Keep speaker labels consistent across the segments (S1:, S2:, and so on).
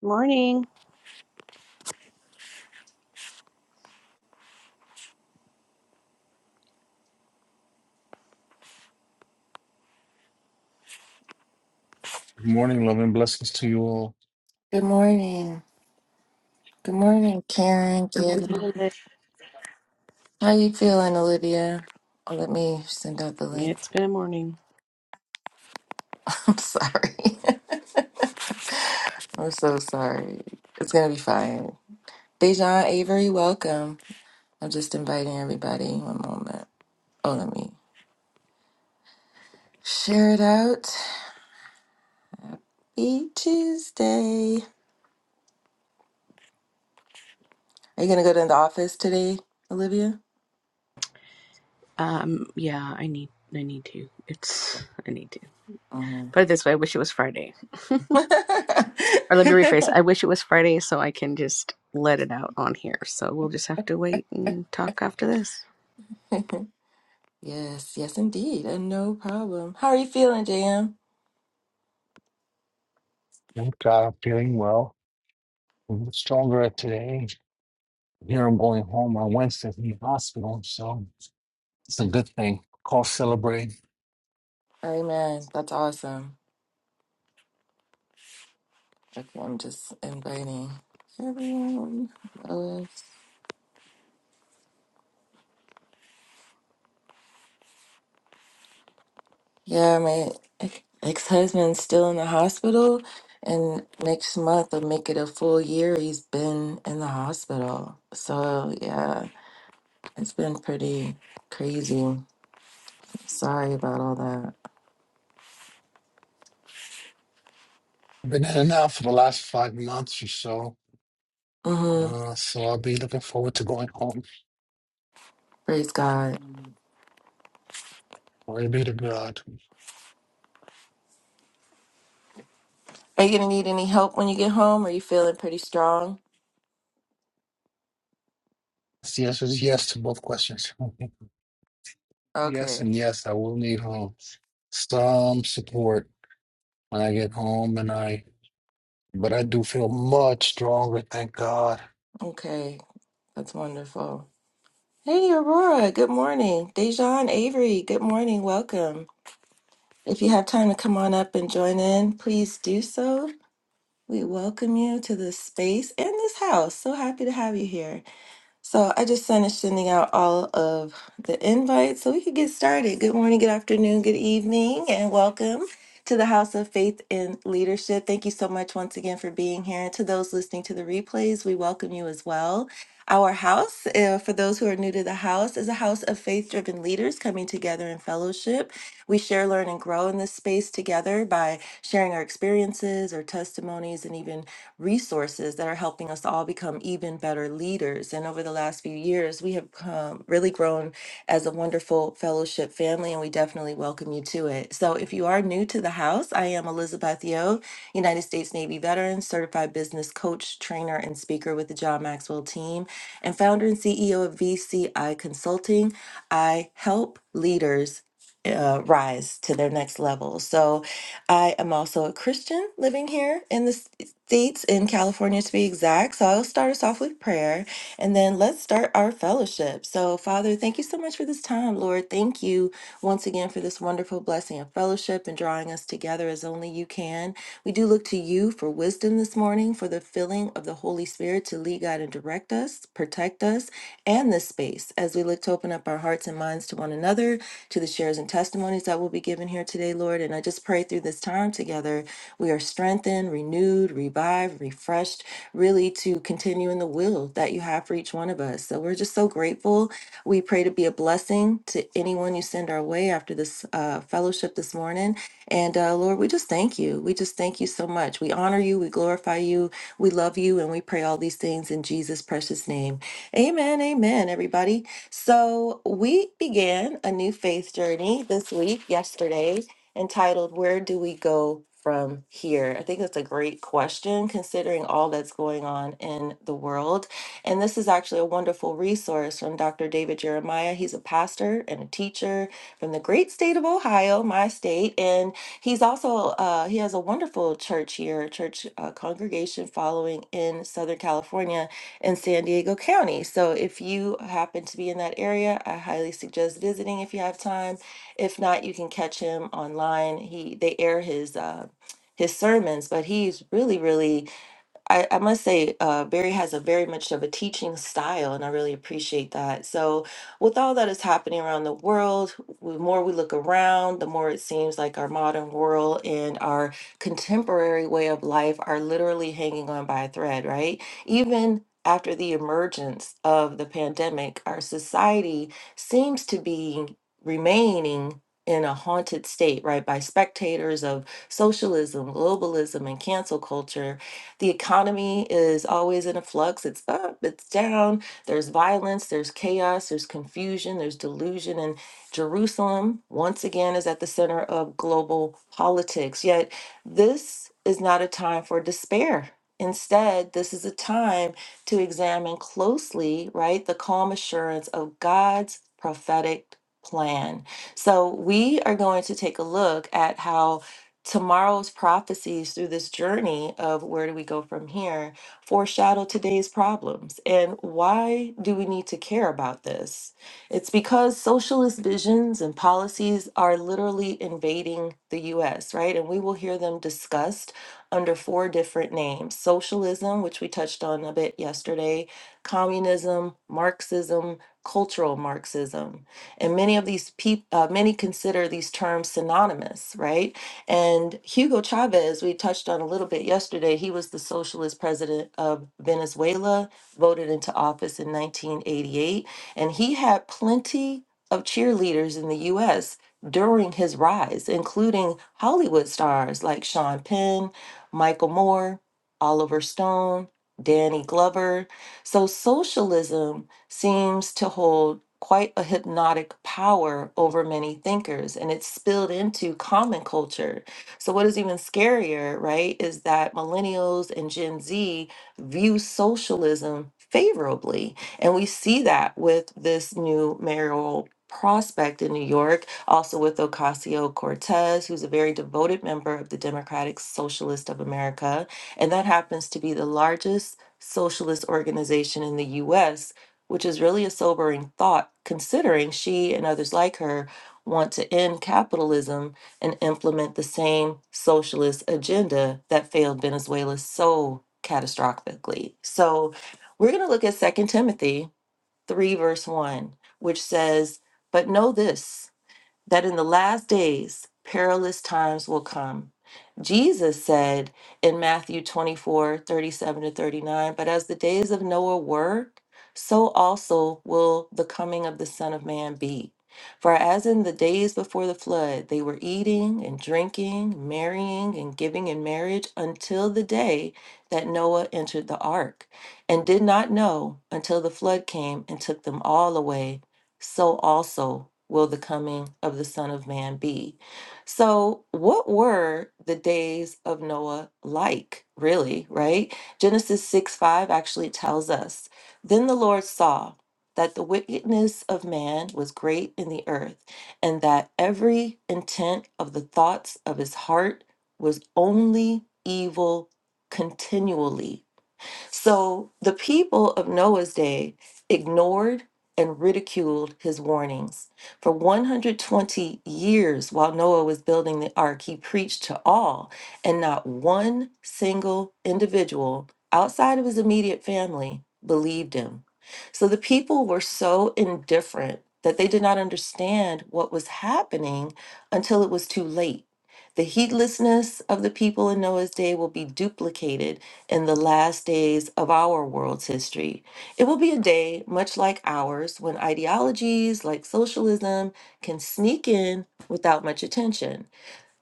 S1: Morning.
S2: Good morning, love and blessings to you all.
S3: Good morning. Good morning, Karen. Good Good-
S1: Good
S3: morning.
S1: morning. Liz.
S3: How you feeling, Olivia? Oh, let me send out the link.
S1: It's been a morning.
S3: I'm sorry. I'm so sorry. It's gonna be fine. Dejan Avery, welcome. I'm just inviting everybody. One moment. Oh, let me share it out. Each Tuesday. Are you gonna go to the office today, Olivia?
S1: Um, yeah, I need I need to. It's I need to. Put
S3: Mhm.
S1: it this way, I wish it was Friday. Or let me rephrase. I wish it was Friday so I can just let it out on here. So we'll just have to wait and talk after this.
S3: Yes, yes, indeed. And no problem. How are you feeling, JM?
S2: Thank God I'm feeling well. I'm stronger today. Here I'm going home on Wednesday from the hospital, so it's a good thing. Call celebrate.
S3: Amen. That's awesome. Okay, I'm just inviting everyone. Uh, Yeah, my ex husband's still in the hospital, and next month will make it a full year he's been in the hospital. So, yeah, it's been pretty crazy. Sorry about all that.
S2: I've been in and out for the last five months or so,
S3: Mm-hmm.
S2: uh, so I'll be looking forward to going home.
S3: Praise God.
S2: Glory be to God.
S3: Are you going to need any help when you get home? Are you feeling pretty strong?
S2: The answer is yes to both questions. yes
S3: Okay,
S2: and yes, I will need home some support when I get home, and I. But I do feel much stronger, thank God.
S3: Okay, that's wonderful. Hey, Aurora, good morning. Dejan, Avery, good morning. Welcome. If you have time to come on up and join in, please do so. We welcome you to this space and this house. So happy to have you here. So I just finished sending out all of the invites so we could get started. Good morning, good afternoon, good evening, and welcome to the House of Faith and Leadership. Thank you so much once again for being here. And to those listening to the replays, we welcome you as well. Our house, uh, for those who are new to the house, is a house of faith driven leaders coming together in fellowship. We share, learn, and grow in this space together by sharing our experiences, our testimonies, and even resources that are helping us all become even better leaders. And over the last few years, we have um, really grown as a wonderful fellowship family, and we definitely welcome you to it. So, if you are new to the house, I am Elizabeth Yeo, United States Navy veteran, certified business coach, trainer, and speaker with the John Maxwell team, and founder and CEO of VCI Consulting. I help leaders. Uh, rise to their next level. So, I am also a Christian living here in this states in California to be exact. So I'll start us off with prayer and then let's start our fellowship. So, Father, thank you so much for this time, Lord. Thank you once again for this wonderful blessing of fellowship and drawing us together as only you can. We do look to you for wisdom this morning, for the filling of the Holy Spirit to lead, guide, and direct us, protect us, and this space as we look to open up our hearts and minds to one another, to the shares and testimonies that will be given here today, Lord. And I just pray through this time together, we are strengthened, renewed, revived, refreshed, really to continue in the will that you have for each one of us. So we're just so grateful. We pray to be a blessing to anyone you send our way after this uh, fellowship this morning. And uh, Lord, we just thank you. We just thank you so much. We honor you, we glorify you, we love you, and we pray all these things in Jesus' precious name. Amen, amen, everybody. So, we began a new faith journey this week, yesterday, entitled Where Do We Go From Here? I think that's a great question considering all that's going on in the world. And this is actually a wonderful resource from Dr. David Jeremiah. He's a pastor and a teacher from the great state of Ohio, my state. And he's also, uh, he has a wonderful church here, church uh, congregation following in Southern California in San Diego County. So if you happen to be in that area, I highly suggest visiting if you have time. If not, you can catch him online. He they air his uh, his sermons, but he's really really I, I must say, uh, Barry has a very much of a teaching style, and I really appreciate that. So, with all that is happening around the world, the more we look around, the more it seems like our modern world and our contemporary way of life are literally hanging on by a thread, right? Even after the emergence of the pandemic, our society seems to be remaining in a haunted state, right? By spectators of socialism, globalism, and cancel culture. The economy is always in a flux. It's up, it's down. There's violence, there's chaos, there's confusion, there's delusion. And Jerusalem, once again, is at the center of global politics. Yet, this is not a time for despair. Instead, this is a time to examine closely, right, the calm assurance of God's prophetic plan. So, we are going to take a look at how tomorrow's prophecies through this journey of where do we go from here foreshadow today's problems. And why do we need to care about this? It's because socialist visions and policies are literally invading the US, right? And we will hear them discussed under four different names socialism, which we touched on a bit yesterday, communism, Marxism. Cultural Marxism, and many of these people, uh, many consider these terms synonymous, right? And Hugo Chavez, we touched on a little bit yesterday, he was the socialist president of Venezuela, voted into office in 1988. And he had plenty of cheerleaders in the US during his rise, including Hollywood stars like Sean Penn, Michael Moore, Oliver Stone, Danny Glover. So socialism seems to hold quite a hypnotic power over many thinkers and it's spilled into common culture. So what is even scarier, right, is that millennials and Gen Z view socialism favorably. And we see that with this new mayoral prospect in New York, also with Ocasio Cortez, who's a very devoted member of the Democratic Socialist of America. And that happens to be the largest socialist organization in the US which is really a sobering thought considering she and others like her want to end capitalism and implement the same socialist agenda that failed Venezuela so catastrophically. So we're going to look at Second Timothy 3, verse 1, which says, But know this that in the last days perilous times will come. Jesus said in Matthew 24 37 to 39, But as the days of Noah were, so also will the coming of the Son of Man be. For as in the days before the flood, they were eating and drinking, marrying and giving in marriage until the day that Noah entered the ark, and did not know until the flood came and took them all away so also will the coming of the Son of Man be. So, what were the days of Noah like, really, right? Genesis 6 5 actually tells us Then the Lord saw that the wickedness of man was great in the earth, and that every intent of the thoughts of his heart was only evil continually. So the people of Noah's day ignored and ridiculed his warnings. For 120 years, while Noah was building the ark, he preached to all, and not one single individual outside of his immediate family believed him. So the people were so indifferent that they did not understand what was happening until it was too late. The heedlessness of the people in Noah's day will be duplicated in the last days of our world's history. It will be a day much like ours when ideologies like socialism can sneak in without much attention.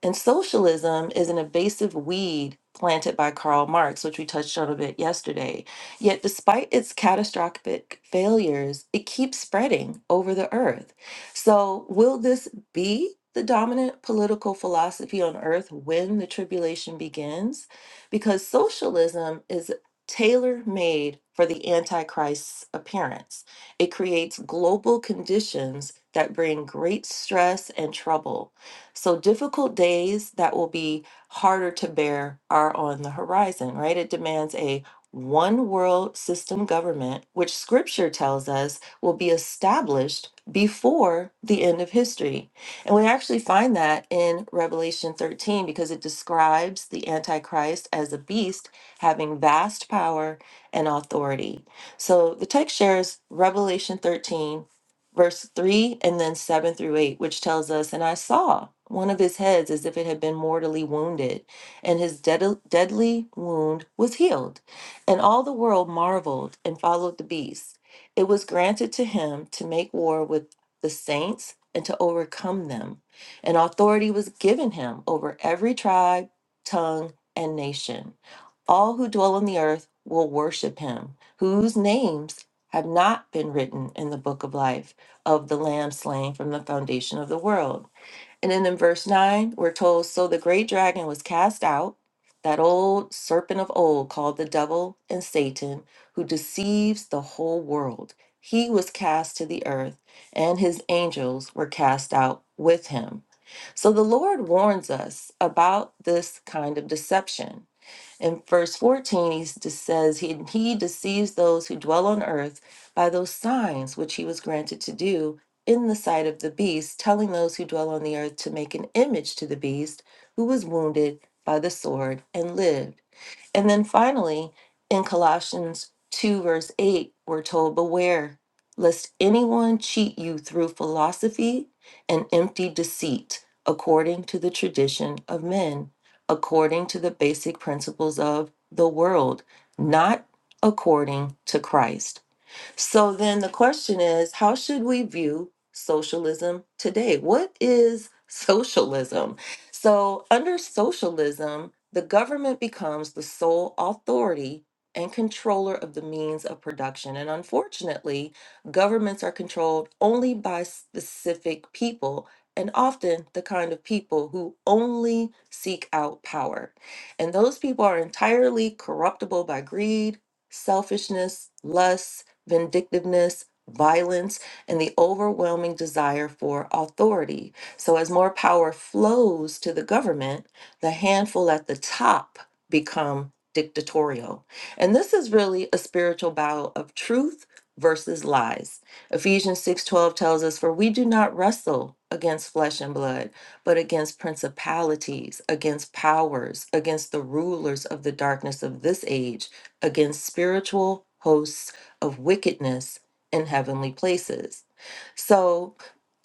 S3: And socialism is an invasive weed planted by Karl Marx, which we touched on a bit yesterday. Yet, despite its catastrophic failures, it keeps spreading over the earth. So, will this be the dominant political philosophy on earth when the tribulation begins? Because socialism is tailor made for the Antichrist's appearance, it creates global conditions that bring great stress and trouble so, difficult days that will be harder to bear are on the horizon, right? It demands a one world system government, which scripture tells us will be established before the end of history. And we actually find that in Revelation 13 because it describes the Antichrist as a beast having vast power and authority. So the text shares Revelation 13 verse 3 and then 7 through 8 which tells us and i saw one of his heads as if it had been mortally wounded and his dead- deadly wound was healed and all the world marveled and followed the beast it was granted to him to make war with the saints and to overcome them and authority was given him over every tribe tongue and nation all who dwell on the earth will worship him whose names have not been written in the book of life of the lamb slain from the foundation of the world. And then in verse 9, we're told So the great dragon was cast out, that old serpent of old called the devil and Satan, who deceives the whole world. He was cast to the earth, and his angels were cast out with him. So the Lord warns us about this kind of deception. In verse 14, he s- just says, he, he deceives those who dwell on earth by those signs which he was granted to do in the sight of the beast, telling those who dwell on the earth to make an image to the beast who was wounded by the sword and lived. And then finally, in Colossians 2, verse 8, we're told, Beware lest anyone cheat you through philosophy and empty deceit, according to the tradition of men, according to the basic principles of the world, not according to Christ. So then the question is how should we view socialism today? What is socialism? So, under socialism, the government becomes the sole authority and controller of the means of production. And unfortunately, governments are controlled only by specific people. And often the kind of people who only seek out power. And those people are entirely corruptible by greed, selfishness, lust, vindictiveness, violence, and the overwhelming desire for authority. So, as more power flows to the government, the handful at the top become dictatorial. And this is really a spiritual battle of truth versus lies. Ephesians 6:12 tells us for we do not wrestle against flesh and blood, but against principalities, against powers, against the rulers of the darkness of this age, against spiritual hosts of wickedness in heavenly places. So,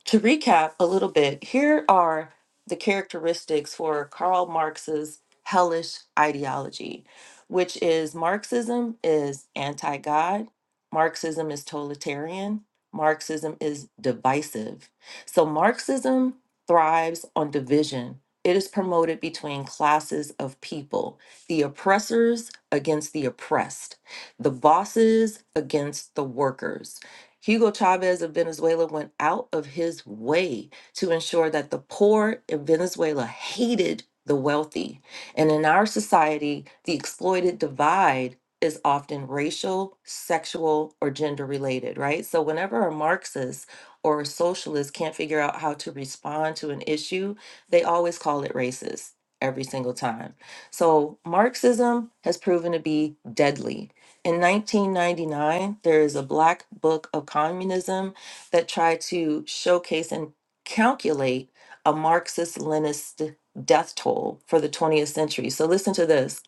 S3: to recap a little bit, here are the characteristics for Karl Marx's hellish ideology, which is Marxism is anti God, Marxism is totalitarian, Marxism is divisive. So Marxism thrives on division. It is promoted between classes of people the oppressors against the oppressed, the bosses against the workers Hugo Chavez of Venezuela went out of his way to ensure that the poor in Venezuela hated the wealthy. And in our society, the exploited divide is often racial, sexual, or gender related, right? So whenever a Marxist or a socialist can't figure out how to respond to an issue, they always call it racist every single time. So Marxism has proven to be deadly in 1999, there is a Black Book of Communism that tried to showcase and calculate a Marxist Leninist death toll for the 20th century. So, listen to this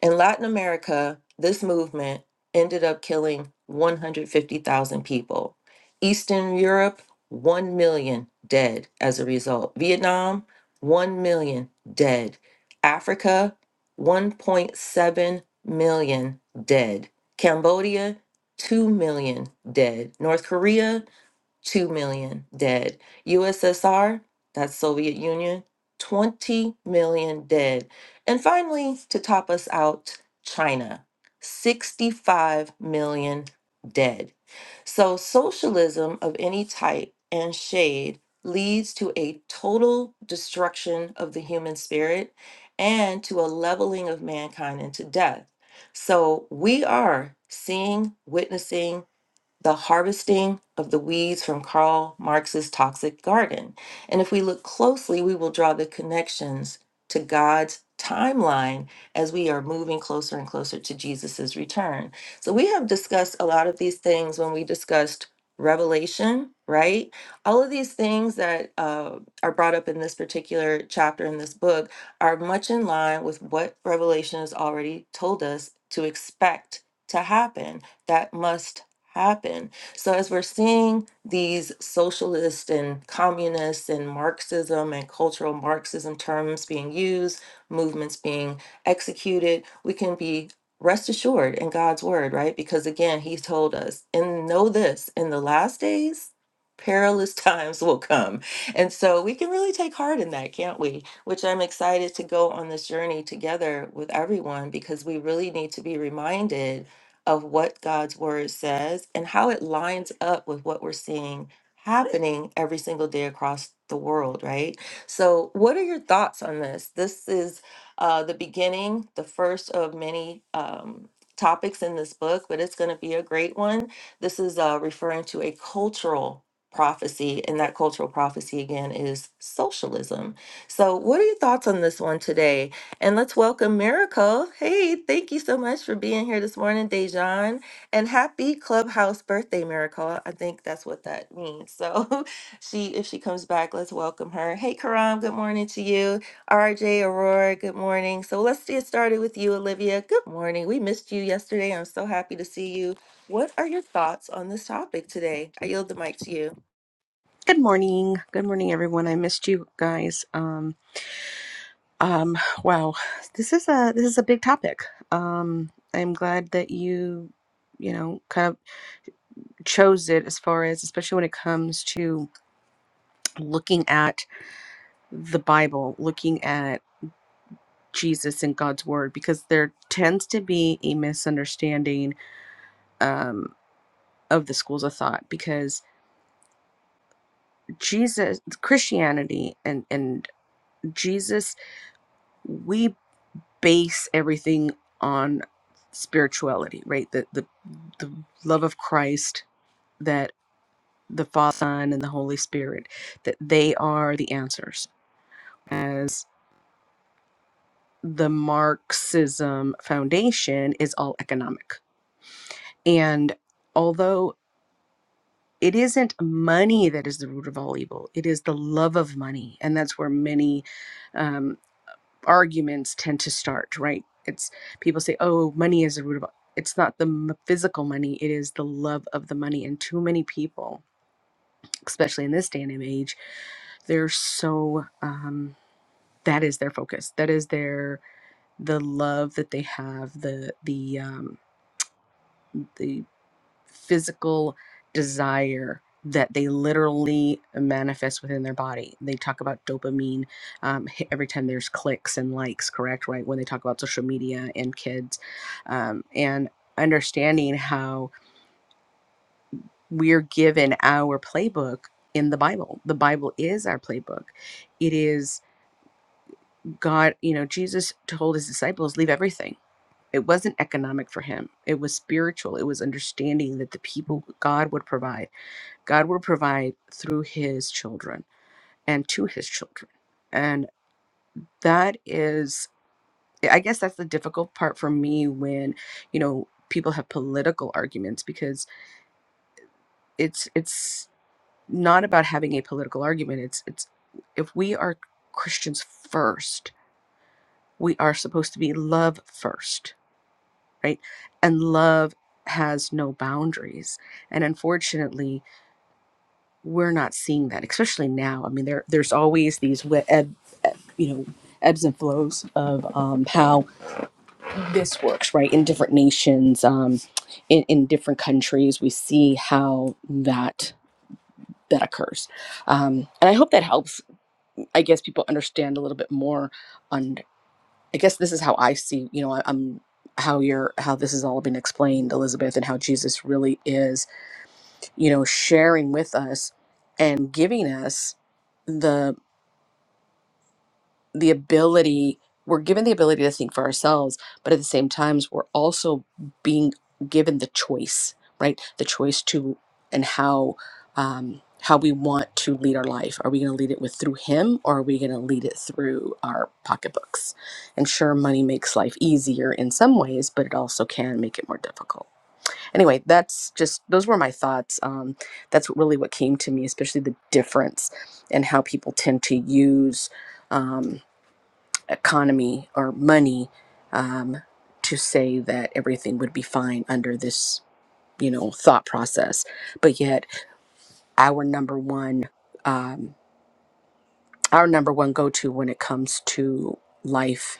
S3: in Latin America, this movement ended up killing 150,000 people. Eastern Europe, 1 million dead as a result. Vietnam, 1 million dead. Africa, 1.7 million dead. Cambodia, 2 million dead. North Korea, 2 million dead. USSR, that's Soviet Union, 20 million dead. And finally, to top us out, China, 65 million dead. So, socialism of any type and shade leads to a total destruction of the human spirit and to a leveling of mankind into death. So, we are seeing, witnessing, the Harvesting of the Weeds from Karl Marx's Toxic Garden. And if we look closely, we will draw the connections to God's timeline as we are moving closer and closer to Jesus' return. So we have discussed a lot of these things when we discussed revelation, right? All of these things that uh, are brought up in this particular chapter in this book are much in line with what revelation has already told us to expect to happen that must happen. So, as we're seeing these socialist and communist and Marxism and cultural Marxism terms being used, movements being executed, we can be rest assured in God's word, right? Because again, He told us, and know this in the last days, perilous times will come. And so we can really take heart in that, can't we? Which I'm excited to go on this journey together with everyone because we really need to be reminded of what God's word says and how it lines up with what we're seeing happening every single day across the world, right? So, what are your thoughts on this? This is uh, the beginning, the first of many um, topics in this book, but it's going to be a great one. This is uh, referring to a cultural prophecy, and that cultural prophecy again is socialism. So, what are your thoughts on this one today? And let's welcome Miracle. Hey, thank you so much for being here this morning, Dejan. And happy Clubhouse birthday, Miracle. I think that's what that means. So she, if she comes back, let's welcome her. Hey, Karam, good morning to you. RJ, Aurora, good morning. So let's get started with you, Olivia. Good morning. We missed you yesterday. I'm so happy to see you. What are your thoughts on this topic today? I yield the mic to you.
S1: Good morning. Good morning everyone. I missed you guys. Um um wow. This is a this is a big topic. Um I'm glad that you you know kind of chose it as far as especially when it comes to looking at the Bible, looking at Jesus and God's Word, because there tends to be a misunderstanding um, of the schools of thought. Because Jesus, Christianity, and and Jesus, we base everything on spirituality, right? The the the love of Christ that the Father, Son, and the Holy Spirit that they are the answers. As the Marxism foundation is all economic And although it isn't money that is the root of all evil, it is the love of money. And that's where many um, arguments tend to start, right? It's people say, oh, money is the root of all. It's not the m- physical money, it is the love of the money. And too many people, especially in this day and age, they're so um that is their focus that is their the love that they have the the um the physical desire that they literally manifest within their body. They talk about dopamine um, hi- every time there's clicks and likes, correct? Right? When they talk about social media and kids um, and understanding how we're given our playbook in the Bible. The Bible is our playbook. It is God, you know, Jesus told his disciples, leave everything it wasn't economic for him it was spiritual it was understanding that the people god would provide God will provide through his children and to his children. And that is, I guess that's the difficult part for me when, you know, people have political arguments because it's, it's not about having a political argument. It's, it's, if we are Christians first, we are supposed to be love first, right? And love has no boundaries. And unfortunately, we're not seeing that, especially now. I mean, there there's always these we- eb, eb- you know ebbs and flows of um, how this works, right? In different nations, um, in in different countries, we see how that that occurs, um, and I hope that helps. I guess people understand a little bit more. On I guess this is how I see. You know, I, I'm how you're how this has all been explained, Elizabeth, and how Jesus really is. You know, sharing with us and giving us the the ability we're given the ability to think for ourselves but at the same times we're also being given the choice right the choice to and how um, how we want to lead our life are we going to lead it with through him or are we going to lead it through our pocketbooks and sure money makes life easier in some ways but it also can make it more difficult anyway that's just those were my thoughts um, that's really what came to me especially the difference and how people tend to use Um, economy or money um, to say that everything would be fine under this, you know, thought process. But yet, our number one, um, our number one go-to when it comes to life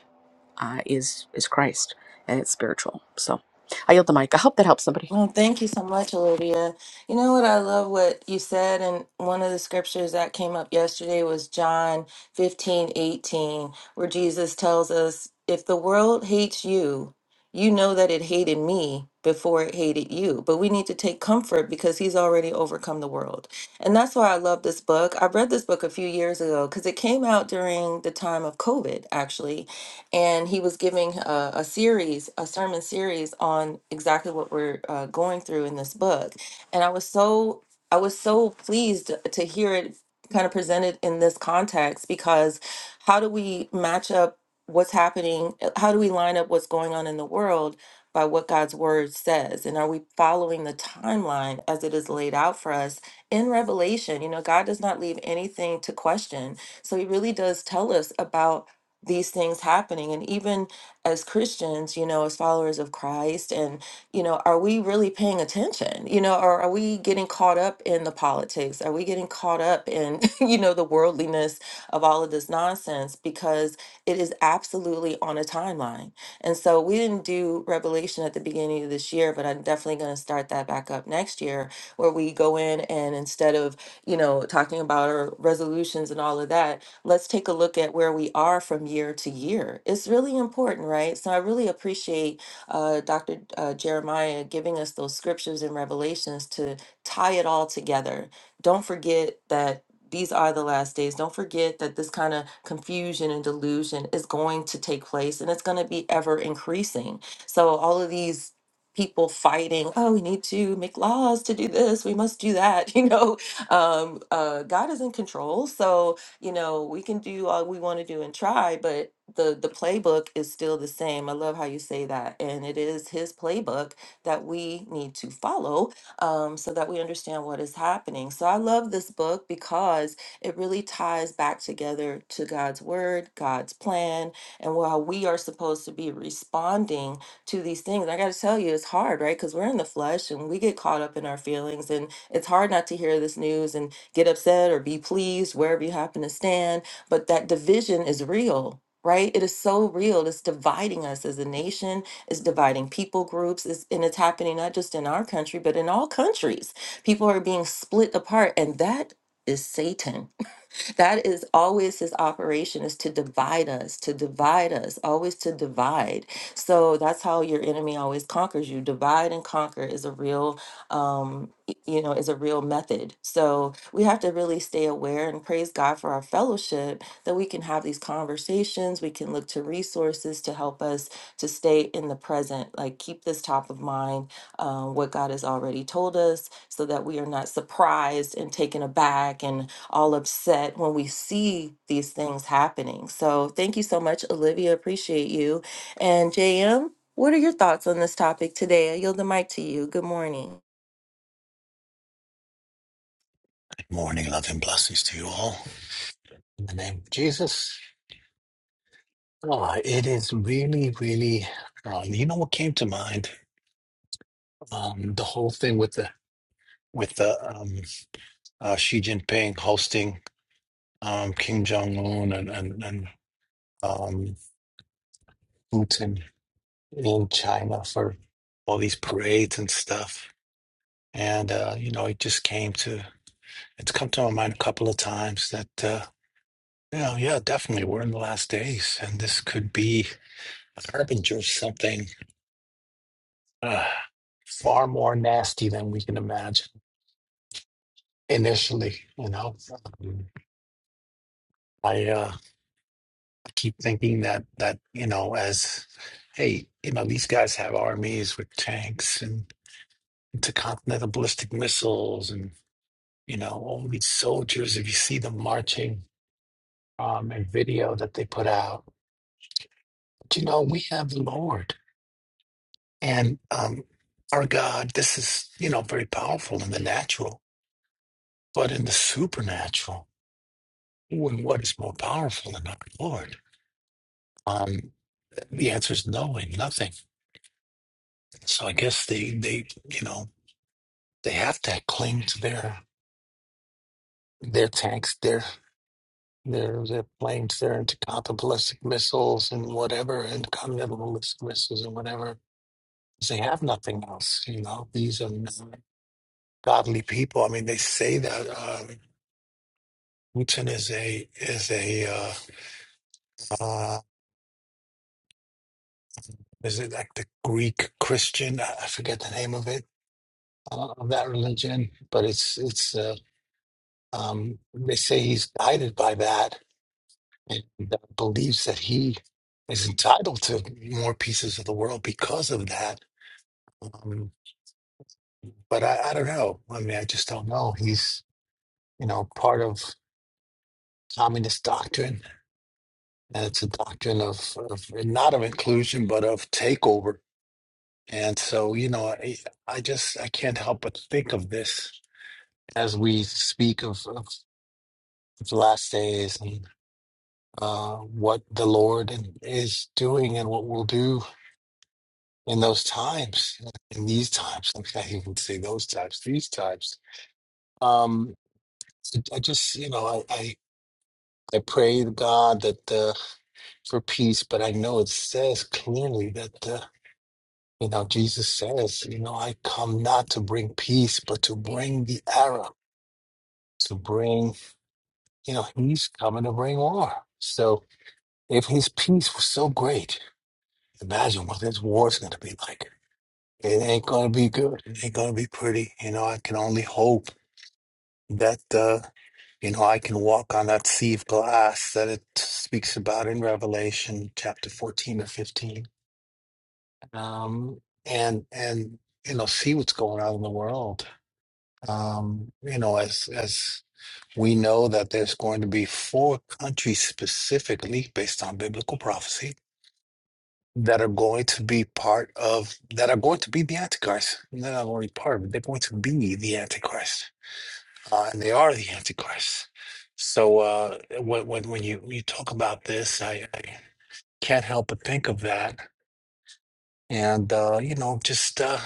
S1: uh, is is Christ, and it's spiritual. So, I yield the mic. I hope that helps somebody.
S3: Well, thank you so much, Olivia. You know what? I love what you said. And one of the scriptures that came up yesterday was John 15 18, where Jesus tells us, If the world hates you, you know that it hated me before it hated you. But we need to take comfort because he's already overcome the world. And that's why I love this book. I read this book a few years ago because it came out during the time of COVID, actually and he was giving a, a series, a sermon series on exactly what we're uh, going through in this book. And I was so I was so pleased to hear it kind of presented in this context because how do we match up what's happening? How do we line up what's going on in the world by what God's word says? And are we following the timeline as it is laid out for us in Revelation? You know, God does not leave anything to question. So he really does tell us about these things happening and even as christians you know as followers of christ and you know are we really paying attention you know or are we getting caught up in the politics are we getting caught up in you know the worldliness of all of this nonsense because it is absolutely on a timeline and so we didn't do revelation at the beginning of this year but i'm definitely going to start that back up next year where we go in and instead of you know talking about our resolutions and all of that let's take a look at where we are from year to year. It's really important, right? So I really appreciate uh, Dr. Uh, Jeremiah giving us those scriptures and revelations to tie it all together. Don't forget that. These are the last days. Don't forget that this kind of confusion and delusion is going to take place and it's going to be ever increasing. So, all of these people fighting, oh, we need to make laws to do this, we must do that, you know, um, uh, God is in control. So you know, we can do all we want to do and try, but the the playbook is still the same. I love how you say that. And it is his playbook that we need to follow um, so that we understand what is happening. So I love this book because it really ties back together to God's word, God's plan, and while we are supposed to be responding to these things. I got to tell you, it's hard, right? Because we're in the flesh and we get caught up in our feelings, and it's hard not to hear this news. And get upset or be pleased wherever you happen to stand. But that division is real, right? It is so real. It's dividing us as a nation, it's dividing people groups, it's, and it's happening not just in our country, but in all countries. People are being split apart, and that is Satan that is always his operation is to divide us, to divide us, always to divide. So that's how your enemy always conquers you. Divide and conquer is a real, um, y- you know, is a real method. So we have to really stay aware and praise God for our fellowship that we can have these conversations. We can look to resources to help us to stay in the present, like keep this top of mind, um, what God has already told us, so that we are not surprised and taken aback and all upset when we see these things happening. So thank you so much, Olivia. Appreciate you. And JM, what are your thoughts on this topic today? I yield the mic to you. Good morning.
S2: Morning, love and blessings to you all. In the name of Jesus. Ah, it is really, really. Uh, you know what came to mind? Um, the whole thing with the with the um, uh, Xi Jinping hosting um, Kim Jong Un and and, and um, Putin in China for all these parades and stuff. And uh, you know, it just came to it's come to my mind a couple of times that uh, yeah, yeah, definitely we're in the last days, and this could be a harbinger of something uh, far more nasty than we can imagine initially you know Um, i uh keep thinking that that you know as hey you know these guys have armies with tanks and intercontinental ballistic missiles and you know all these soldiers if you see them marching um and video that they put out but, you know we have the lord and um our god this is you know very powerful in the natural but in the supernatural Wh- What is more powerful than our Lord? Um, the answer is no and nothing. So I guess they, they, you know, they have to cling to their their tanks, their their their planes, their intercontinental ballistic missiles and whatever, and continental ballistic missiles and whatever. They have nothing else. You know, these are not godly people. I mean, they say that um, Putin is a is a uh, uh, is it like the Greek Christian? I I forget the name of it uh, of that religion, but it's it's uh, um, they say he's guided by that and uh, believes that he is entitled to more pieces of the world because of that. Um, but I, I don't know. I mean, I just don't know. He's you know part of communist doctrine, and it's a doctrine of, of not of inclusion but of takeover. And so you know, I, I just I can't help but think of this as we speak of, of the last days uh, what the Lord is doing and what we'll do in those times, in these times. I can't even say those times, these times. Um, I just, you know, I, I, I pray to God that uh, for peace, but I know it says clearly that, uh, you know, Jesus says, you know, I come not to bring peace, but to bring the arrow, to bring, you know, he's coming to bring war. So if his peace was so great, imagine what this war is going to be like It ain't gonna be good. It ain't gonna be pretty. You know, I can only hope that uh, you know I can walk on that sea of glass that it speaks about in Revelation chapter fourteen or fifteen, um, and and you know see what's going on in the world. Um, you know, as as we know that there's going to be four countries specifically based on biblical prophecy that are going to be part of that are going to be the antichrist they're not only part of it; they're going to be the antichrist uh, and they are the antichrist so uh when when, when you you talk about this I, I can't help but think of that and uh you know just uh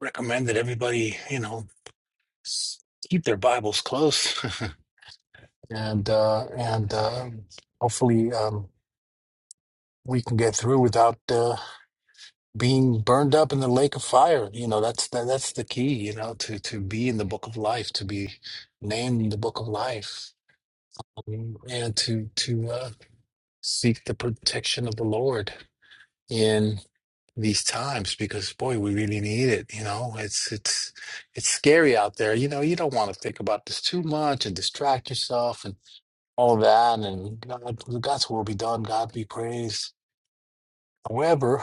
S2: recommend that everybody you know s- keep their bibles close and uh and uh hopefully um we can get through without Uh, being burned up in the lake of fire. You know, that's that, that's the key. You know, to to be in the book of life, to be named in the book of life, um, and to to uh, seek the protection of the Lord in these times because boy we really need it you know it's it's it's scary out there you know you don't want to think about this too much and distract yourself and all that and god, god's will be done god be praised however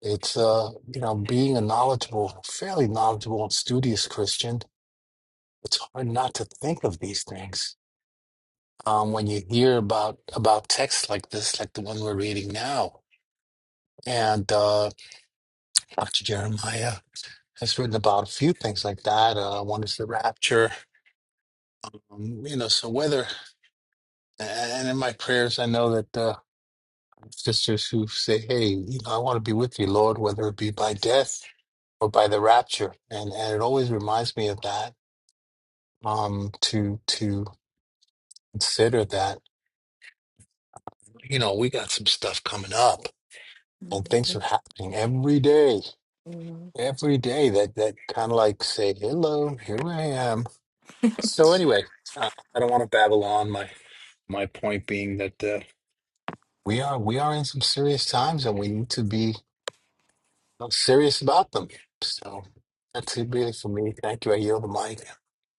S2: It's uh, you know, being a knowledgeable, fairly knowledgeable and studious Christian, it's hard not to think of these things. Um, when you hear about about texts like this, like the one we're reading now, and uh, Dr. Jeremiah has written about a few things like that. Uh, one is the rapture, um, you know. So whether and in my prayers, I know that uh, sisters who say, "Hey, you know, I want to be with you, Lord," whether it be by death or by the rapture, and and it always reminds me of that um to to consider that you know we got some stuff coming up and things are happening every day every day that that kind of like say hello here i am so anyway i, I don't want to babble on my my point being that uh, we are we are in some serious times and we need to be uh, serious about them so that's it really for me thank you i yield the mic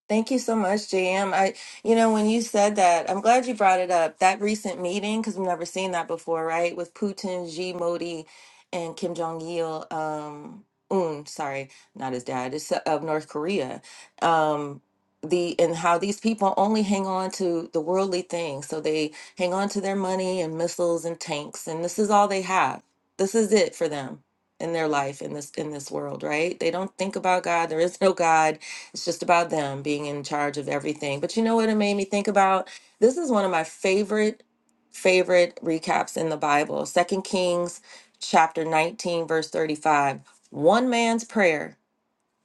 S3: Thank you so much, JM. I, you know, when you said that, I'm glad you brought it up. That recent meeting, because we've never seen that before, right? With Putin, Xi, Modi, and Kim Jong Il, um, Un, sorry, not his dad, it's uh, of North Korea. Um, the and how these people only hang on to the worldly things, so they hang on to their money and missiles and tanks, and this is all they have. This is it for them in their life in this in this world, right? They don't think about God. There is no God it's just about them being in charge of everything. But you know what it made me think about? This is one of my favorite, favorite recaps in the Bible. Second Kings chapter 19, verse 35. One man's prayer,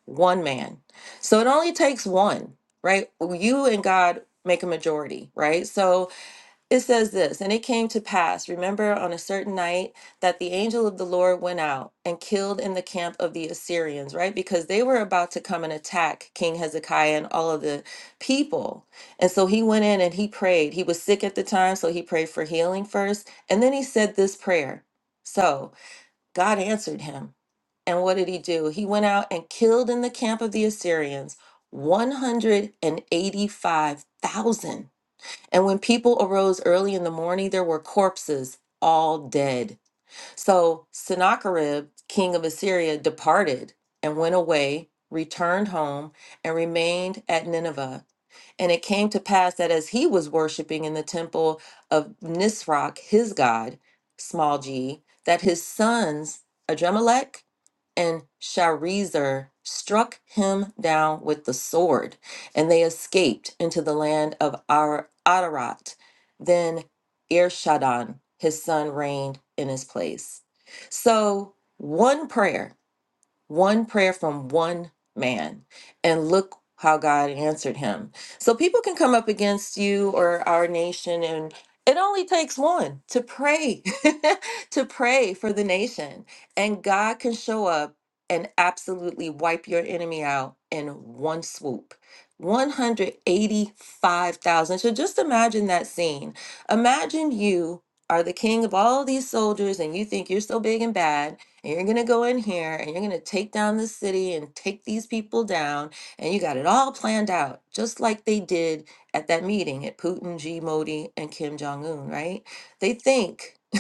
S3: one man. So it only takes one, right? You and God make a majority, right? So it says this, and it came to pass, remember on a certain night, that the angel of the Lord went out and killed in the camp of the Assyrians, right? Because they were about to come and attack King Hezekiah and all of the people. And so he went in and he prayed. He was sick at the time, so he prayed for healing first. And then he said this prayer. So God answered him. And what did he do? He went out and killed in the camp of the Assyrians 185,000 and when people arose early in the morning, there were corpses, all dead. So Sennacherib, king of Assyria, departed and went away, returned home, and remained at Nineveh. And it came to pass that as he was worshiping in the temple of Nisroch, his god, small g, that his sons, Adremelech and Sharezer struck him down with the sword, and they escaped into the land of Ar- Adarat. Then Irshadon, his son, reigned in his place. So, one prayer one prayer from one man and look how God answered him. So people can come up against you or our nation and it only takes one to pray, to pray for the nation. And God can show up and absolutely wipe your enemy out in one swoop. 185,000. So just imagine that scene. Imagine you are the king of all these soldiers and you think you're so big and bad and you're going to go in here and you're going to take down this city and take these people down. And you got it all planned out, just like they did at that meeting at Putin, G. Modi, and Kim Jong un, right? They think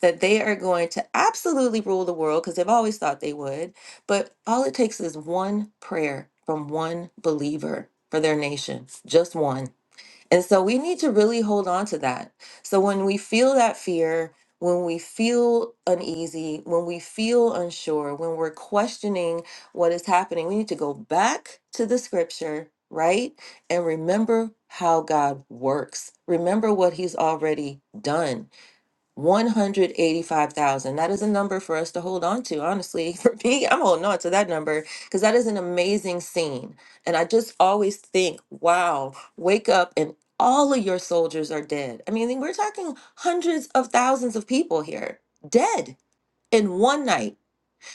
S3: that they are going to absolutely rule the world because they've always thought they would. But all it takes is one prayer from one believer for their nation, just one and so we need to really hold on to that. So when we feel that fear, when we feel uneasy, when we feel unsure, when we're questioning what is happening, we need to go back to the scripture, right? And remember how God works. Remember what he's already done 185,000. That is a number for us to hold on to. Honestly, for me, I'm holding on to that number because that is an amazing scene. And I just always think, wow, wake up and all of your soldiers are dead. I mean, we're talking hundreds of thousands of people here dead in one night.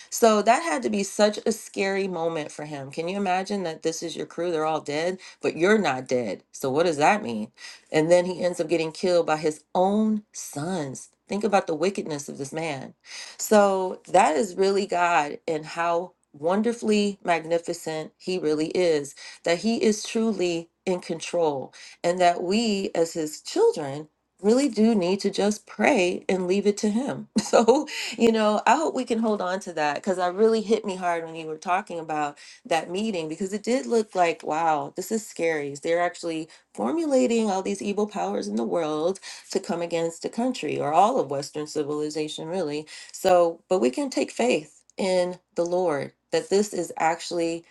S3: So that had to be such a scary moment for him. Can you imagine that this is your crew? They're all dead, but you're not dead. So what does that mean? And then he ends up getting killed by his own sons. Think about the wickedness of this man. So that is really God and how wonderfully magnificent he really is, that he is truly in control, and that we as his children really do need to just pray and leave it to him. So you know, I hope we can hold on to that because I really hit me hard when you were talking about that meeting because it did look like, wow, this is scary. They're actually formulating all these evil powers in the world to come against the country or all of Western civilization, really. So, but we can take faith in the Lord that this is actually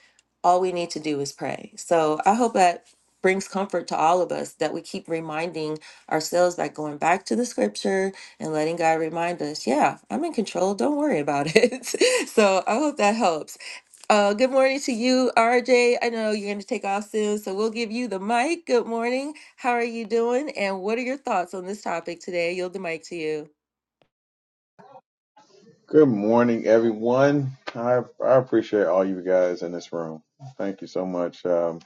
S3: all we need to do is pray. So I hope that brings comfort to all of us that we keep reminding ourselves by going back to the scripture and letting God remind us, yeah, I'm in control. Don't worry about it. so I hope that helps. Uh, good morning to you, RJ. I know you're going to take off soon, so we'll give you the mic. Good morning. How are you doing? And what are your thoughts on this topic today? Yield the mic to you.
S4: Good morning, everyone. I, I appreciate all you guys in this room. Thank you so much. Um,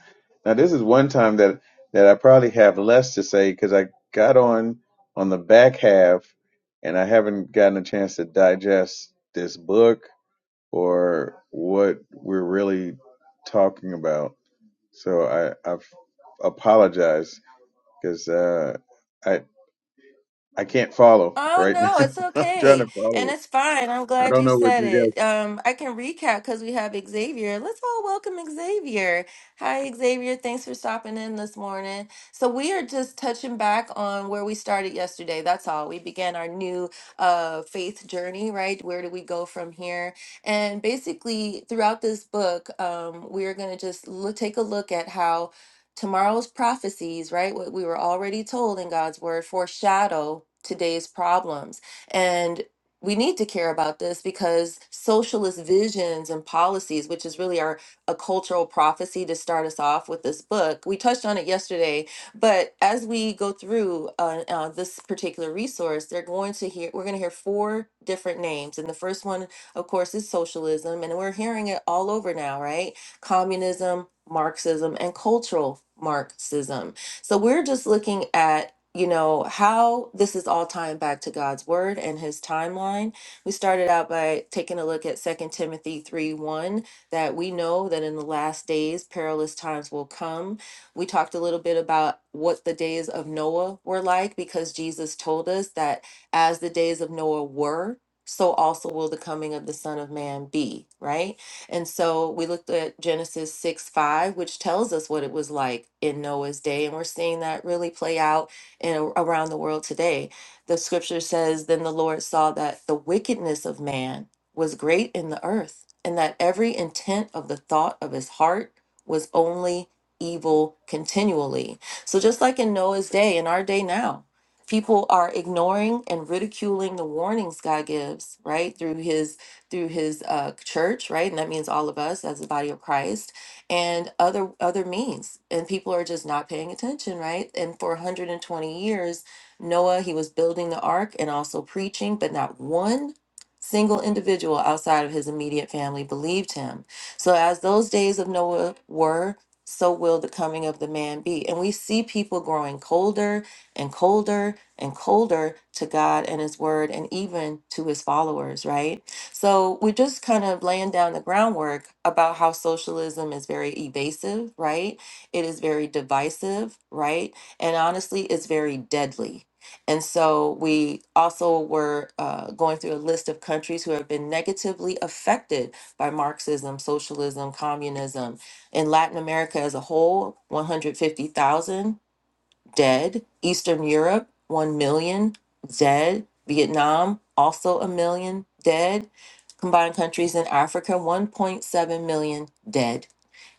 S4: now, this is one time that, that I probably have less to say because I got on on the back half and I haven't gotten a chance to digest this book or what we're really talking about. So I, I f- apologize because uh, I I can't follow
S3: Oh
S4: right now.
S3: no, it's
S4: I'm trying to
S3: okay.
S4: follow
S3: And
S4: it.
S3: it's fine. I'm
S4: I
S3: glad
S4: don't
S3: you
S4: know what
S3: said
S4: you guys.
S3: it. Um, I can recap because we have Xavier. Let's all welcome Xavier. Hi, Xavier. Thanks for stopping in this morning. So we are just touching back on where we started yesterday. That's all. We began our new uh faith journey, right? Where do we go from here? And basically throughout this book, um, we are gonna just look, take a look at how Tomorrow's prophecies, right? What we were already told in God's word foreshadow today's problems. And we need to care about this because socialist visions and policies, which is really our a cultural prophecy to start us off with this book. We touched on it yesterday, but as we go through uh, uh, this particular resource, they're going to hear we're going to hear four different names, and the first one, of course, is socialism, and we're hearing it all over now, right? communism, Marxism, and cultural Marxism. So we're just looking at, you know, how this is all tying back to God's word and his timeline. We started out by taking a look at Second Timothy 3 1, that we know that in the last days, perilous times will come. We talked a little bit about what the days of Noah were like because Jesus told us that as the days of Noah were, so also will the coming of the Son of Man be, right? And so we looked at Genesis 6 5, which tells us what it was like in Noah's day. And we're seeing that really play out in, around the world today. The scripture says, Then the Lord saw that the wickedness of man was great in the earth, and that every intent of the thought of his heart was only evil continually. So just like in Noah's day, in our day now, people are ignoring and ridiculing the warnings God gives, right? Through his through his uh, church, right? And that means all of us as the body of Christ and other other means. And people are just not paying attention, right? And for 120 years, Noah, he was building the ark and also preaching, but not one single individual outside of his immediate family believed him. So as those days of Noah were, so will the coming of the man be. And we see people growing colder and colder and colder to God and his word and even to his followers, right? So we're just kind of laying down the groundwork about how socialism is very evasive, right? It is very divisive, right? And honestly, it's very deadly. And so we also were uh, going through a list of countries who have been negatively affected by Marxism, socialism, communism. In Latin America as a whole, 150,000 dead. Eastern Europe, 1 million dead. Vietnam, also a million dead. Combined countries in Africa, 1.7 million dead.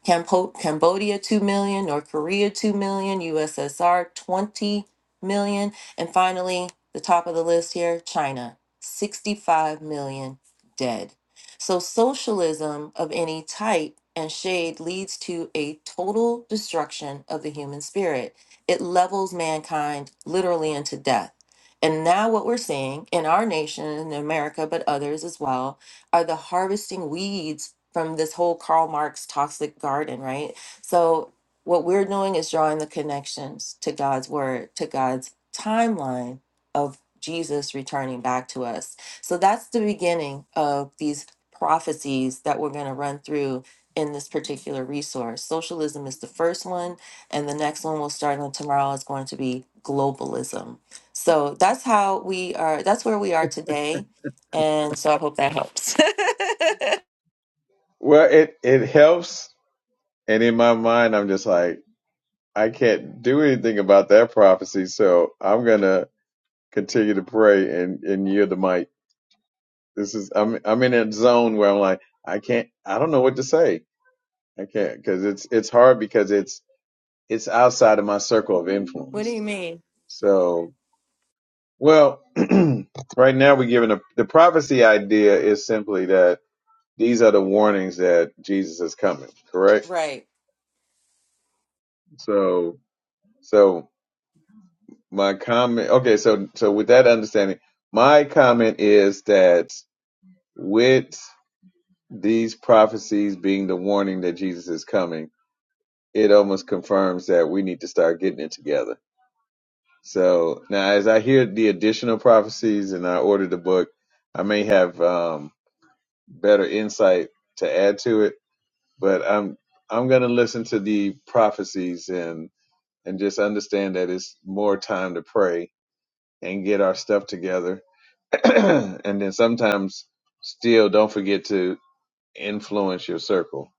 S3: Campo- Cambodia 2 million, North Korea 2 million, USSR 20 million, and finally, the top of the list here, China 65 million dead. So socialism of any type and shade leads to a total destruction of the human spirit. It levels mankind literally into death. And now, what we're seeing in our nation, in America, but others as well, are the harvesting weeds from this whole Karl Marx toxic garden, right? So what we're doing is drawing the connections to God's word, to God's timeline of Jesus returning back to us. So that's the beginning of these prophecies that we're going to run through in this particular resource. Socialism is the first one, and the next one we'll start on tomorrow is going to be globalism. So that's how we are that's where we are today. And so I hope that helps.
S4: Well, it it helps, and in my mind, I'm just like, I can't do anything about that prophecy, so I'm gonna continue to pray and and yield the mic. This is I'm I'm in a zone where I'm like, I can't, I don't know what to say. I can't because it's it's hard because it's it's outside of my circle of
S3: What do
S4: influence.
S3: you mean?
S4: So, well, right now we're given a the prophecy idea is simply that these are the warnings that Jesus is coming, correct?
S3: Right.
S4: So. So my comment okay so so with that understanding my comment is that with these prophecies being the warning that jesus is coming it almost confirms that we need to start getting it together so now as i hear the additional prophecies and i order the book i may have um, better insight to add to it but i'm i'm going to listen to the prophecies and and just understand that it's more time to pray and get our stuff together and then sometimes still don't forget to influence your circle.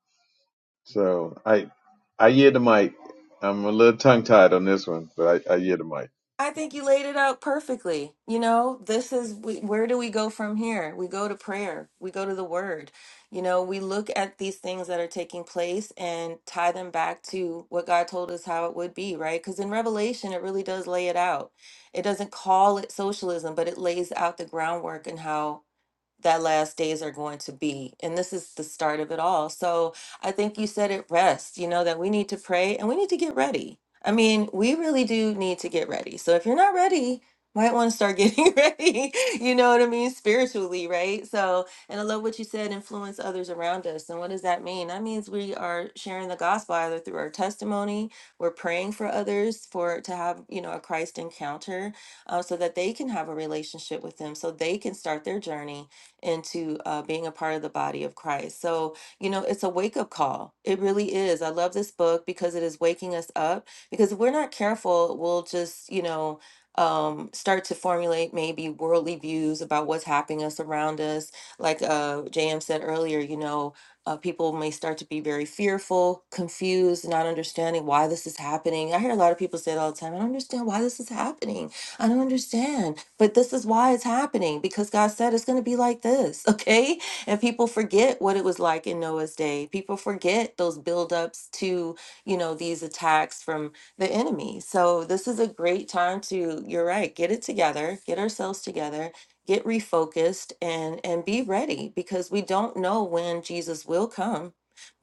S4: So I I hear the mic. I'm a little tongue tied on this one, but I, I hear the mic.
S3: I think you laid it out perfectly. You know, this is we, where do we go from here? We go to prayer, we go to the word. You know, we look at these things that are taking place and tie them back to what God told us how it would be, right? Because in Revelation, it really does lay it out. It doesn't call it socialism, but it lays out the groundwork and how. that last days are going to be. And this is the start of it all. So I think you said it rest, you know, that we need to pray and we need to get ready. I mean, we really do need to get ready. So if you're not ready, might want to start getting ready. You know what I mean? Spiritually, right? So, and I love what you said influence others around us. And what does that mean? That means we are sharing the gospel either through our testimony, we're praying for others for to have, you know, a Christ encounter uh, so that they can have a relationship with Him, so they can start their journey into uh, being a part of the body of Christ. So, you know, it's a wake up call. It really is. I love this book because it is waking us up. Because if we're not careful, we'll just, you know, um, start to formulate maybe worldly views about what's happening us around us. Like uh, JM said earlier, you know, uh, people may start to be very fearful, confused, not understanding why this is happening. I hear a lot of people say it all the time. I don't understand why this is happening I don't understand. But this is why it's happening because God said it's going to be like this, okay? And people forget what it was like in Noah's day. People forget those buildups to, you know, these attacks from the enemy. So this is a great time to, you're right, get it together, get ourselves together get refocused and and be ready because we don't know when Jesus will come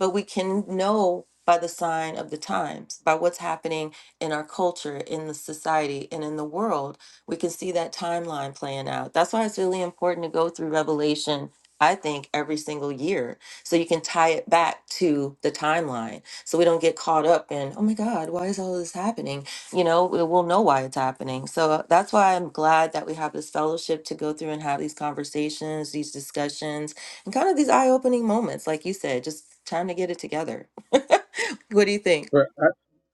S3: but we can know by the sign of the times by what's happening in our culture, in the society, and in the world. We can see that timeline playing out. That's why it's really important to go through Revelation, I think, every single year. So you can tie it back to the timeline. So we don't get caught up in, oh my God, why is all this happening? You know, we- we'll know why it's happening. So uh, that's why I'm glad that we have this fellowship to go through and have these conversations, these discussions, and kind of these eye opening moments. Like you said, just time to get it together. what do you think?
S4: Well,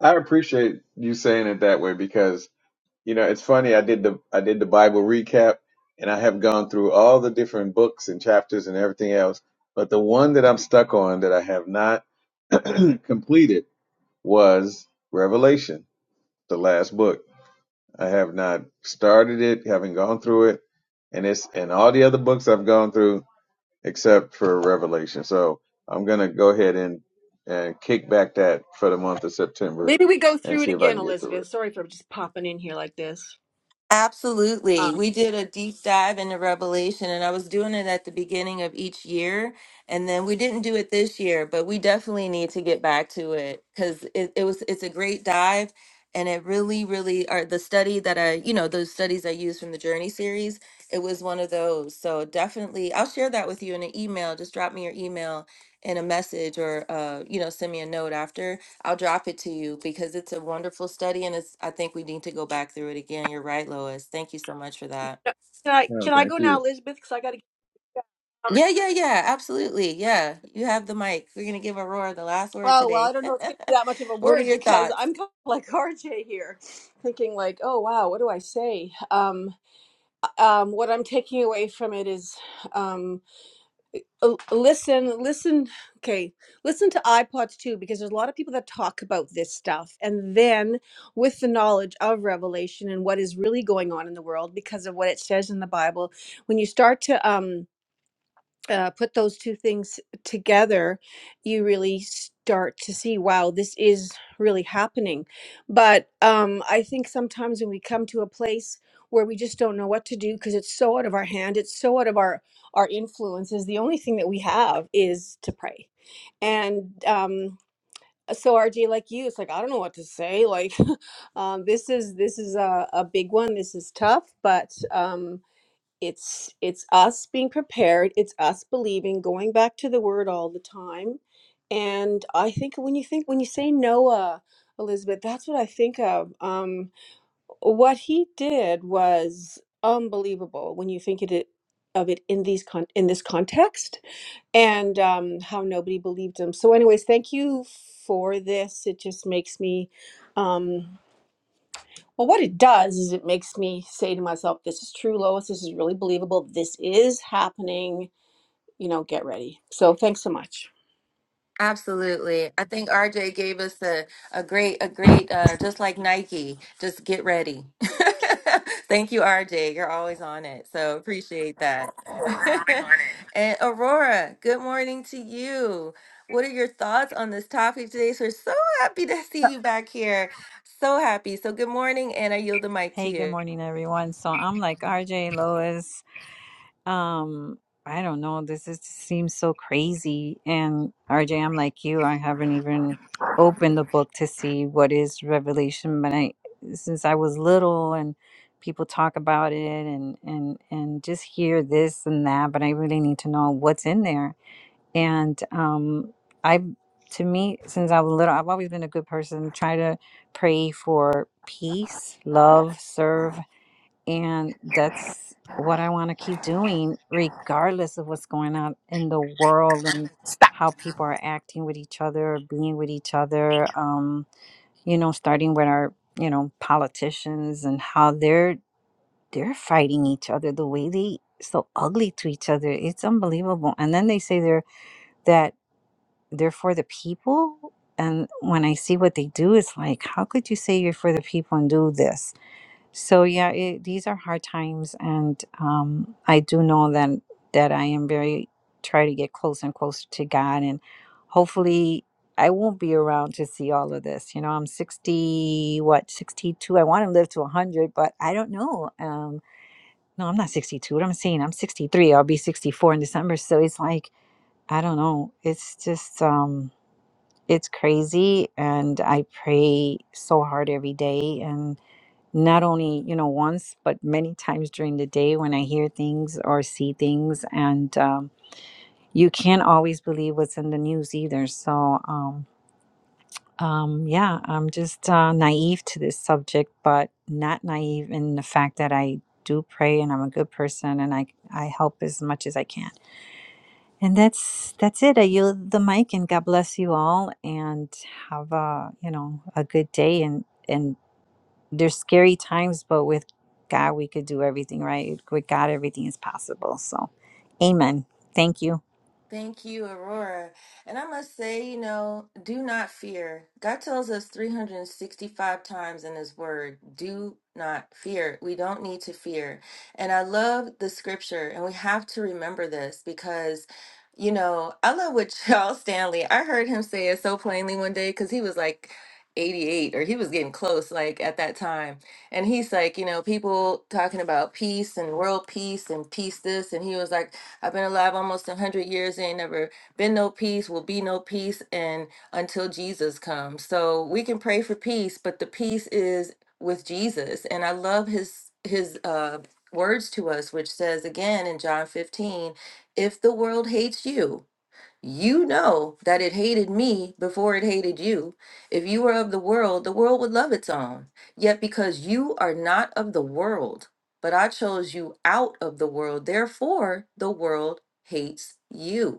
S4: I, I appreciate you saying it that way because you know it's funny. I did the I did the Bible recap, and I have gone through all the different books and chapters and everything else. But the one that I'm stuck on that I have not completed was Revelation, the last book. I have not started it, haven't gone through it, and it's and all the other books I've gone through except for Revelation. So I'm gonna go ahead and and kick back that for the month of September
S5: Maybe we go
S4: and
S5: through it
S4: see if I
S5: again,
S4: can get through it.
S5: Elizabeth. Sorry for just popping in here like this.
S3: Absolutely.
S5: Um,
S3: We did a deep dive into Revelation, and I was doing it at the beginning of each year. And then we didn't do it this year, but we definitely need to get back to it because it, it was it's a great dive and it really, really are the study that I, you know, those studies I used from the Journey series, it was one of those. So definitely I'll share that with you in an email. Just drop me your email and a message or uh, you know, send me a note after I'll drop it to you because it's a wonderful study and it's I think we need to go back through it again. You're right, Lois. Thank you so much for that.
S5: can I
S4: No,
S5: can I go
S4: thank you.
S5: now, Elizabeth? Because I got to.
S3: Yeah, yeah, yeah, absolutely. Yeah. You have the mic. We're gonna give Aurora the last word
S5: Oh well, I
S3: today.
S5: don't know if it's going to be that much of a
S3: what are
S5: word
S3: your
S5: because
S3: thoughts?
S5: I'm kind of like RJ here, thinking like, oh wow, what do I say? Um, um, what I'm taking away from it is. um, l- listen listen okay listen to ipods too because there's a lot of people that talk about this stuff and then with the knowledge of revelation and what is really going on in the world because of what it says in the bible when you start to um uh, put those two things together, you really start to see, wow, this is really happening. But um, I think sometimes when we come to a place where we just don't know what to do because it's so out of our hand, it's so out of our our influences. The only thing that we have is to pray, and um, so RJ, like you, it's like I don't know what to say. Like um, this is this is a, a big one. This is tough, but. Um, it's it's us being prepared it's us believing going back to the word all the time and i think when you think when you say noah elizabeth that's what i think of um what he did was unbelievable when you think it of it in these con in this context and um how nobody believed him so anyways thank you for this it just makes me um well, what it does is it makes me say to myself, this is true, Lois. This is really believable. This is happening. You know, get ready. So thanks so much.
S3: Absolutely. I think RJ gave us a, a great, a great, uh, just like Nike, just get ready. Thank you, RJ. You're always on it. So appreciate that. and Aurora, good morning to you. What are your thoughts on this topic today? So we're so happy to see you back here. So happy. So good morning, and I yield the mic to
S6: Hey, good
S3: you.
S6: morning, everyone. So I'm like RJ Lois. Um, I don't know. This is, seems so crazy. And RJ, I'm like you. I haven't even opened the book to see what is Revelation, but I, since I was little and people talk about it and and and just hear this and that, but I really need to know what's in there. And um, I, to me, since I was little, I've always been a good person. Try to pray for peace, love, serve and that's what I want to keep doing, regardless of what's going on in the world and how people are acting with each other, being with each other. Um, you know, starting with our, you know, politicians and how they're they're fighting each other the way they so ugly to each other. It's unbelievable. And then they say they're that they're for the people. And when I see what they do, it's like, how could you say you're for the people and do this? So yeah, it, these are hard times, and um, I do know that that I am very trying to get closer and closer to God, and hopefully I won't be around to see all of this. You know, I'm sixty, what sixty two. I want to live to a hundred, but I don't know. Um, no, I'm not sixty two. What I'm saying, I'm sixty three. I'll be sixty four in December. So it's like I don't know. It's just um, it's crazy, and I pray so hard every day, and not only you know once but many times during the day when i hear things or see things and um, you can't always believe what's in the news either so um, um, yeah i'm just uh, naive to this subject but not naive in the fact that i do pray and i'm a good person and i i help as much as i can and that's that's it i yield the mic and god bless you all and have a you know a good day and and there's scary times, but with God, we could do everything, right? With God, everything is possible. So, amen. Thank you.
S3: Thank you, Aurora. And I must say, you know, do not fear. God tells us 365 times in His Word, do not fear. We don't need to fear. And I love the scripture, and we have to remember this because, you know, I love what Charles Stanley, I heard him say it so plainly one day because he was like, 88 or he was getting close like at that time and he's like you know people talking about peace and world peace and peace this and he was like I've been alive almost 100 years. Ain't never been no peace, will be no peace, and until Jesus comes. So we can pray for peace, but the peace is with Jesus. And I love his his uh words to us which says again in John 15 if the world hates you you know that it hated me before it hated you. If you were of the world, the world would love its own. Yet because you are not of the world, but I chose you out of the world, therefore the world hates you.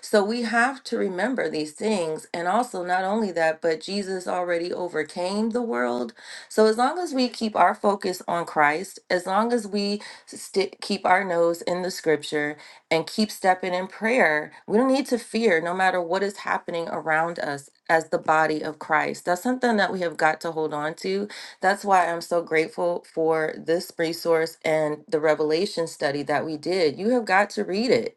S3: So we have to remember these things. And also, not only that, but Jesus already overcame the world. So as long as we keep our focus on Christ, as long as we stick keep our nose in the scripture and keep stepping in prayer, we don't need to fear no matter what is happening around us as the body of Christ. That's something that we have got to hold on to. That's why I'm so grateful for this resource and the revelation study that we did. You have got to read it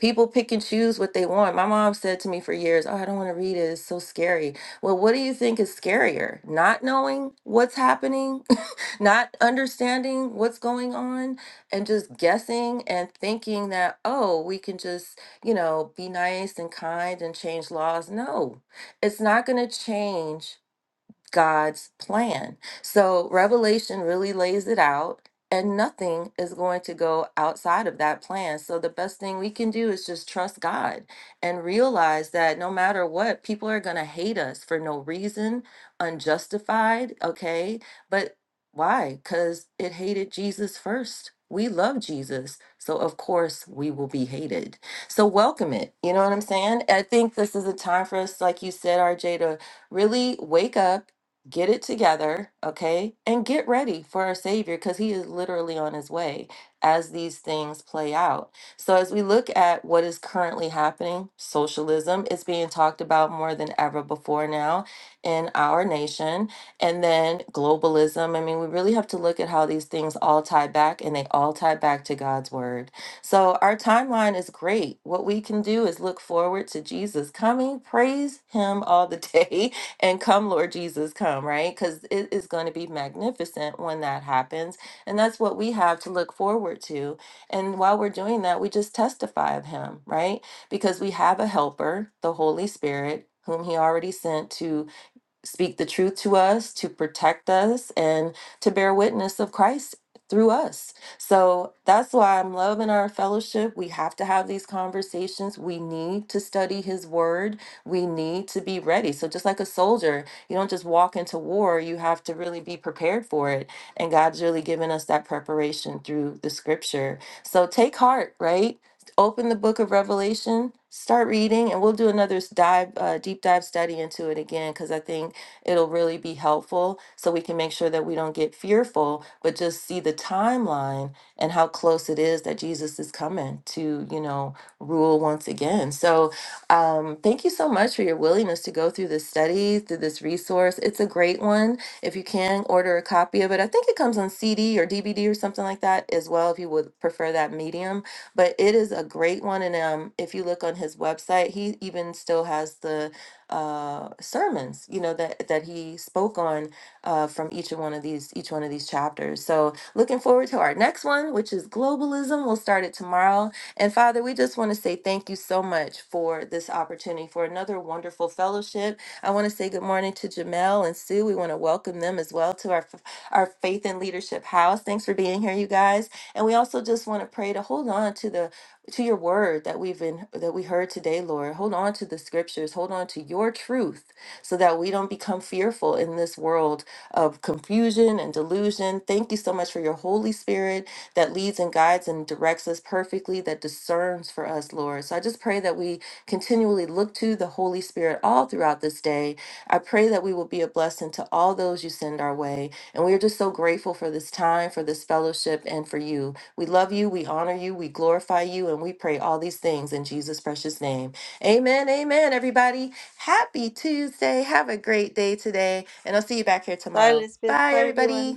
S3: People pick and choose what they want. My mom said to me for years, Oh, I don't want to read it. It's so scary. Well, what do you think is scarier? Not knowing what's happening, not understanding what's going on, and just guessing and thinking that, oh, we can just, you know, be nice and kind and change laws. No, it's not going to change God's plan. So Revelation really lays it out, and nothing is going to go outside of that plan. So the best thing we can do is just trust God and realize that no matter what, people are going to hate us for no reason, unjustified, okay? But why? Because it hated Jesus first. We love Jesus. So, of course, we will be hated. So, welcome it. You know what I'm saying? I think this is a time for us, like you said, RJ, to really wake up get it together, okay, and get ready for our Savior because He is literally on His way as these things play out. So, as we look at what is currently happening, socialism is being talked about more than ever before now in our nation, and then globalism. I mean, we really have to look at how these things all tie back and they all tie back to God's Word. So, our timeline is great. What we can do is look forward to Jesus coming, praise Him all the day and come, Lord Jesus, come, right? Because it is going to be magnificent when that happens. And that's what we have to look forward to. And while we're doing that, we just testify of him, right? Because we have a helper, the Holy Spirit, whom he already sent to speak the truth to us, to protect us, and to bear witness of Christ through us. So that's why I'm loving our fellowship. We have to have these conversations. We need to study his word. We need to be ready. So just like a soldier, you don't just walk into war, you have to really be prepared for it. And God's really given us that preparation through the scripture. So take heart, right? Open the book of Revelation, start reading, and we'll do another s- dive, uh, deep dive study into it again because I think it'll really be helpful so we can make sure that we don't get fearful, but just see the timeline and how close it is that Jesus is coming to, you know, rule once again. So um, thank you so much for your willingness to go through this study, through this resource. It's a great one. If you can order a copy of it, I think it comes on CD or DVD or something like that as well, if you would prefer that medium. But it is a great one. And um, if you look on his website, he even still has the uh, sermons, you know that that he spoke on uh, from each one of these each one of these chapters. So looking forward to our next one, which is globalism. We'll start it tomorrow. And Father, we just want to say thank you so much for this opportunity for another wonderful fellowship. I want to say good morning to Jamel and Sue. We want to welcome them as well to our our faith and leadership house. Thanks for being here, you guys. And we also just want to pray to hold on to the to your word that we've been that we heard today lord hold on to the scriptures hold on to your truth so that we don't become fearful in this world of confusion and delusion thank you so much for your holy spirit that leads and guides and directs us perfectly that discerns for us lord so i just pray that we continually look to the holy spirit all throughout this day i pray that we will be a blessing to all those you send our way and we are just so grateful for this time for this fellowship and for you we love you, we honor you, we glorify you, and we pray all these things in Jesus' precious name. Amen. Amen, everybody. Happy Tuesday. Have a great day today, and I'll see you back here
S5: Bye,
S3: tomorrow.
S5: Elizabeth.
S3: Bye,
S5: Bye, everyone.
S3: everybody.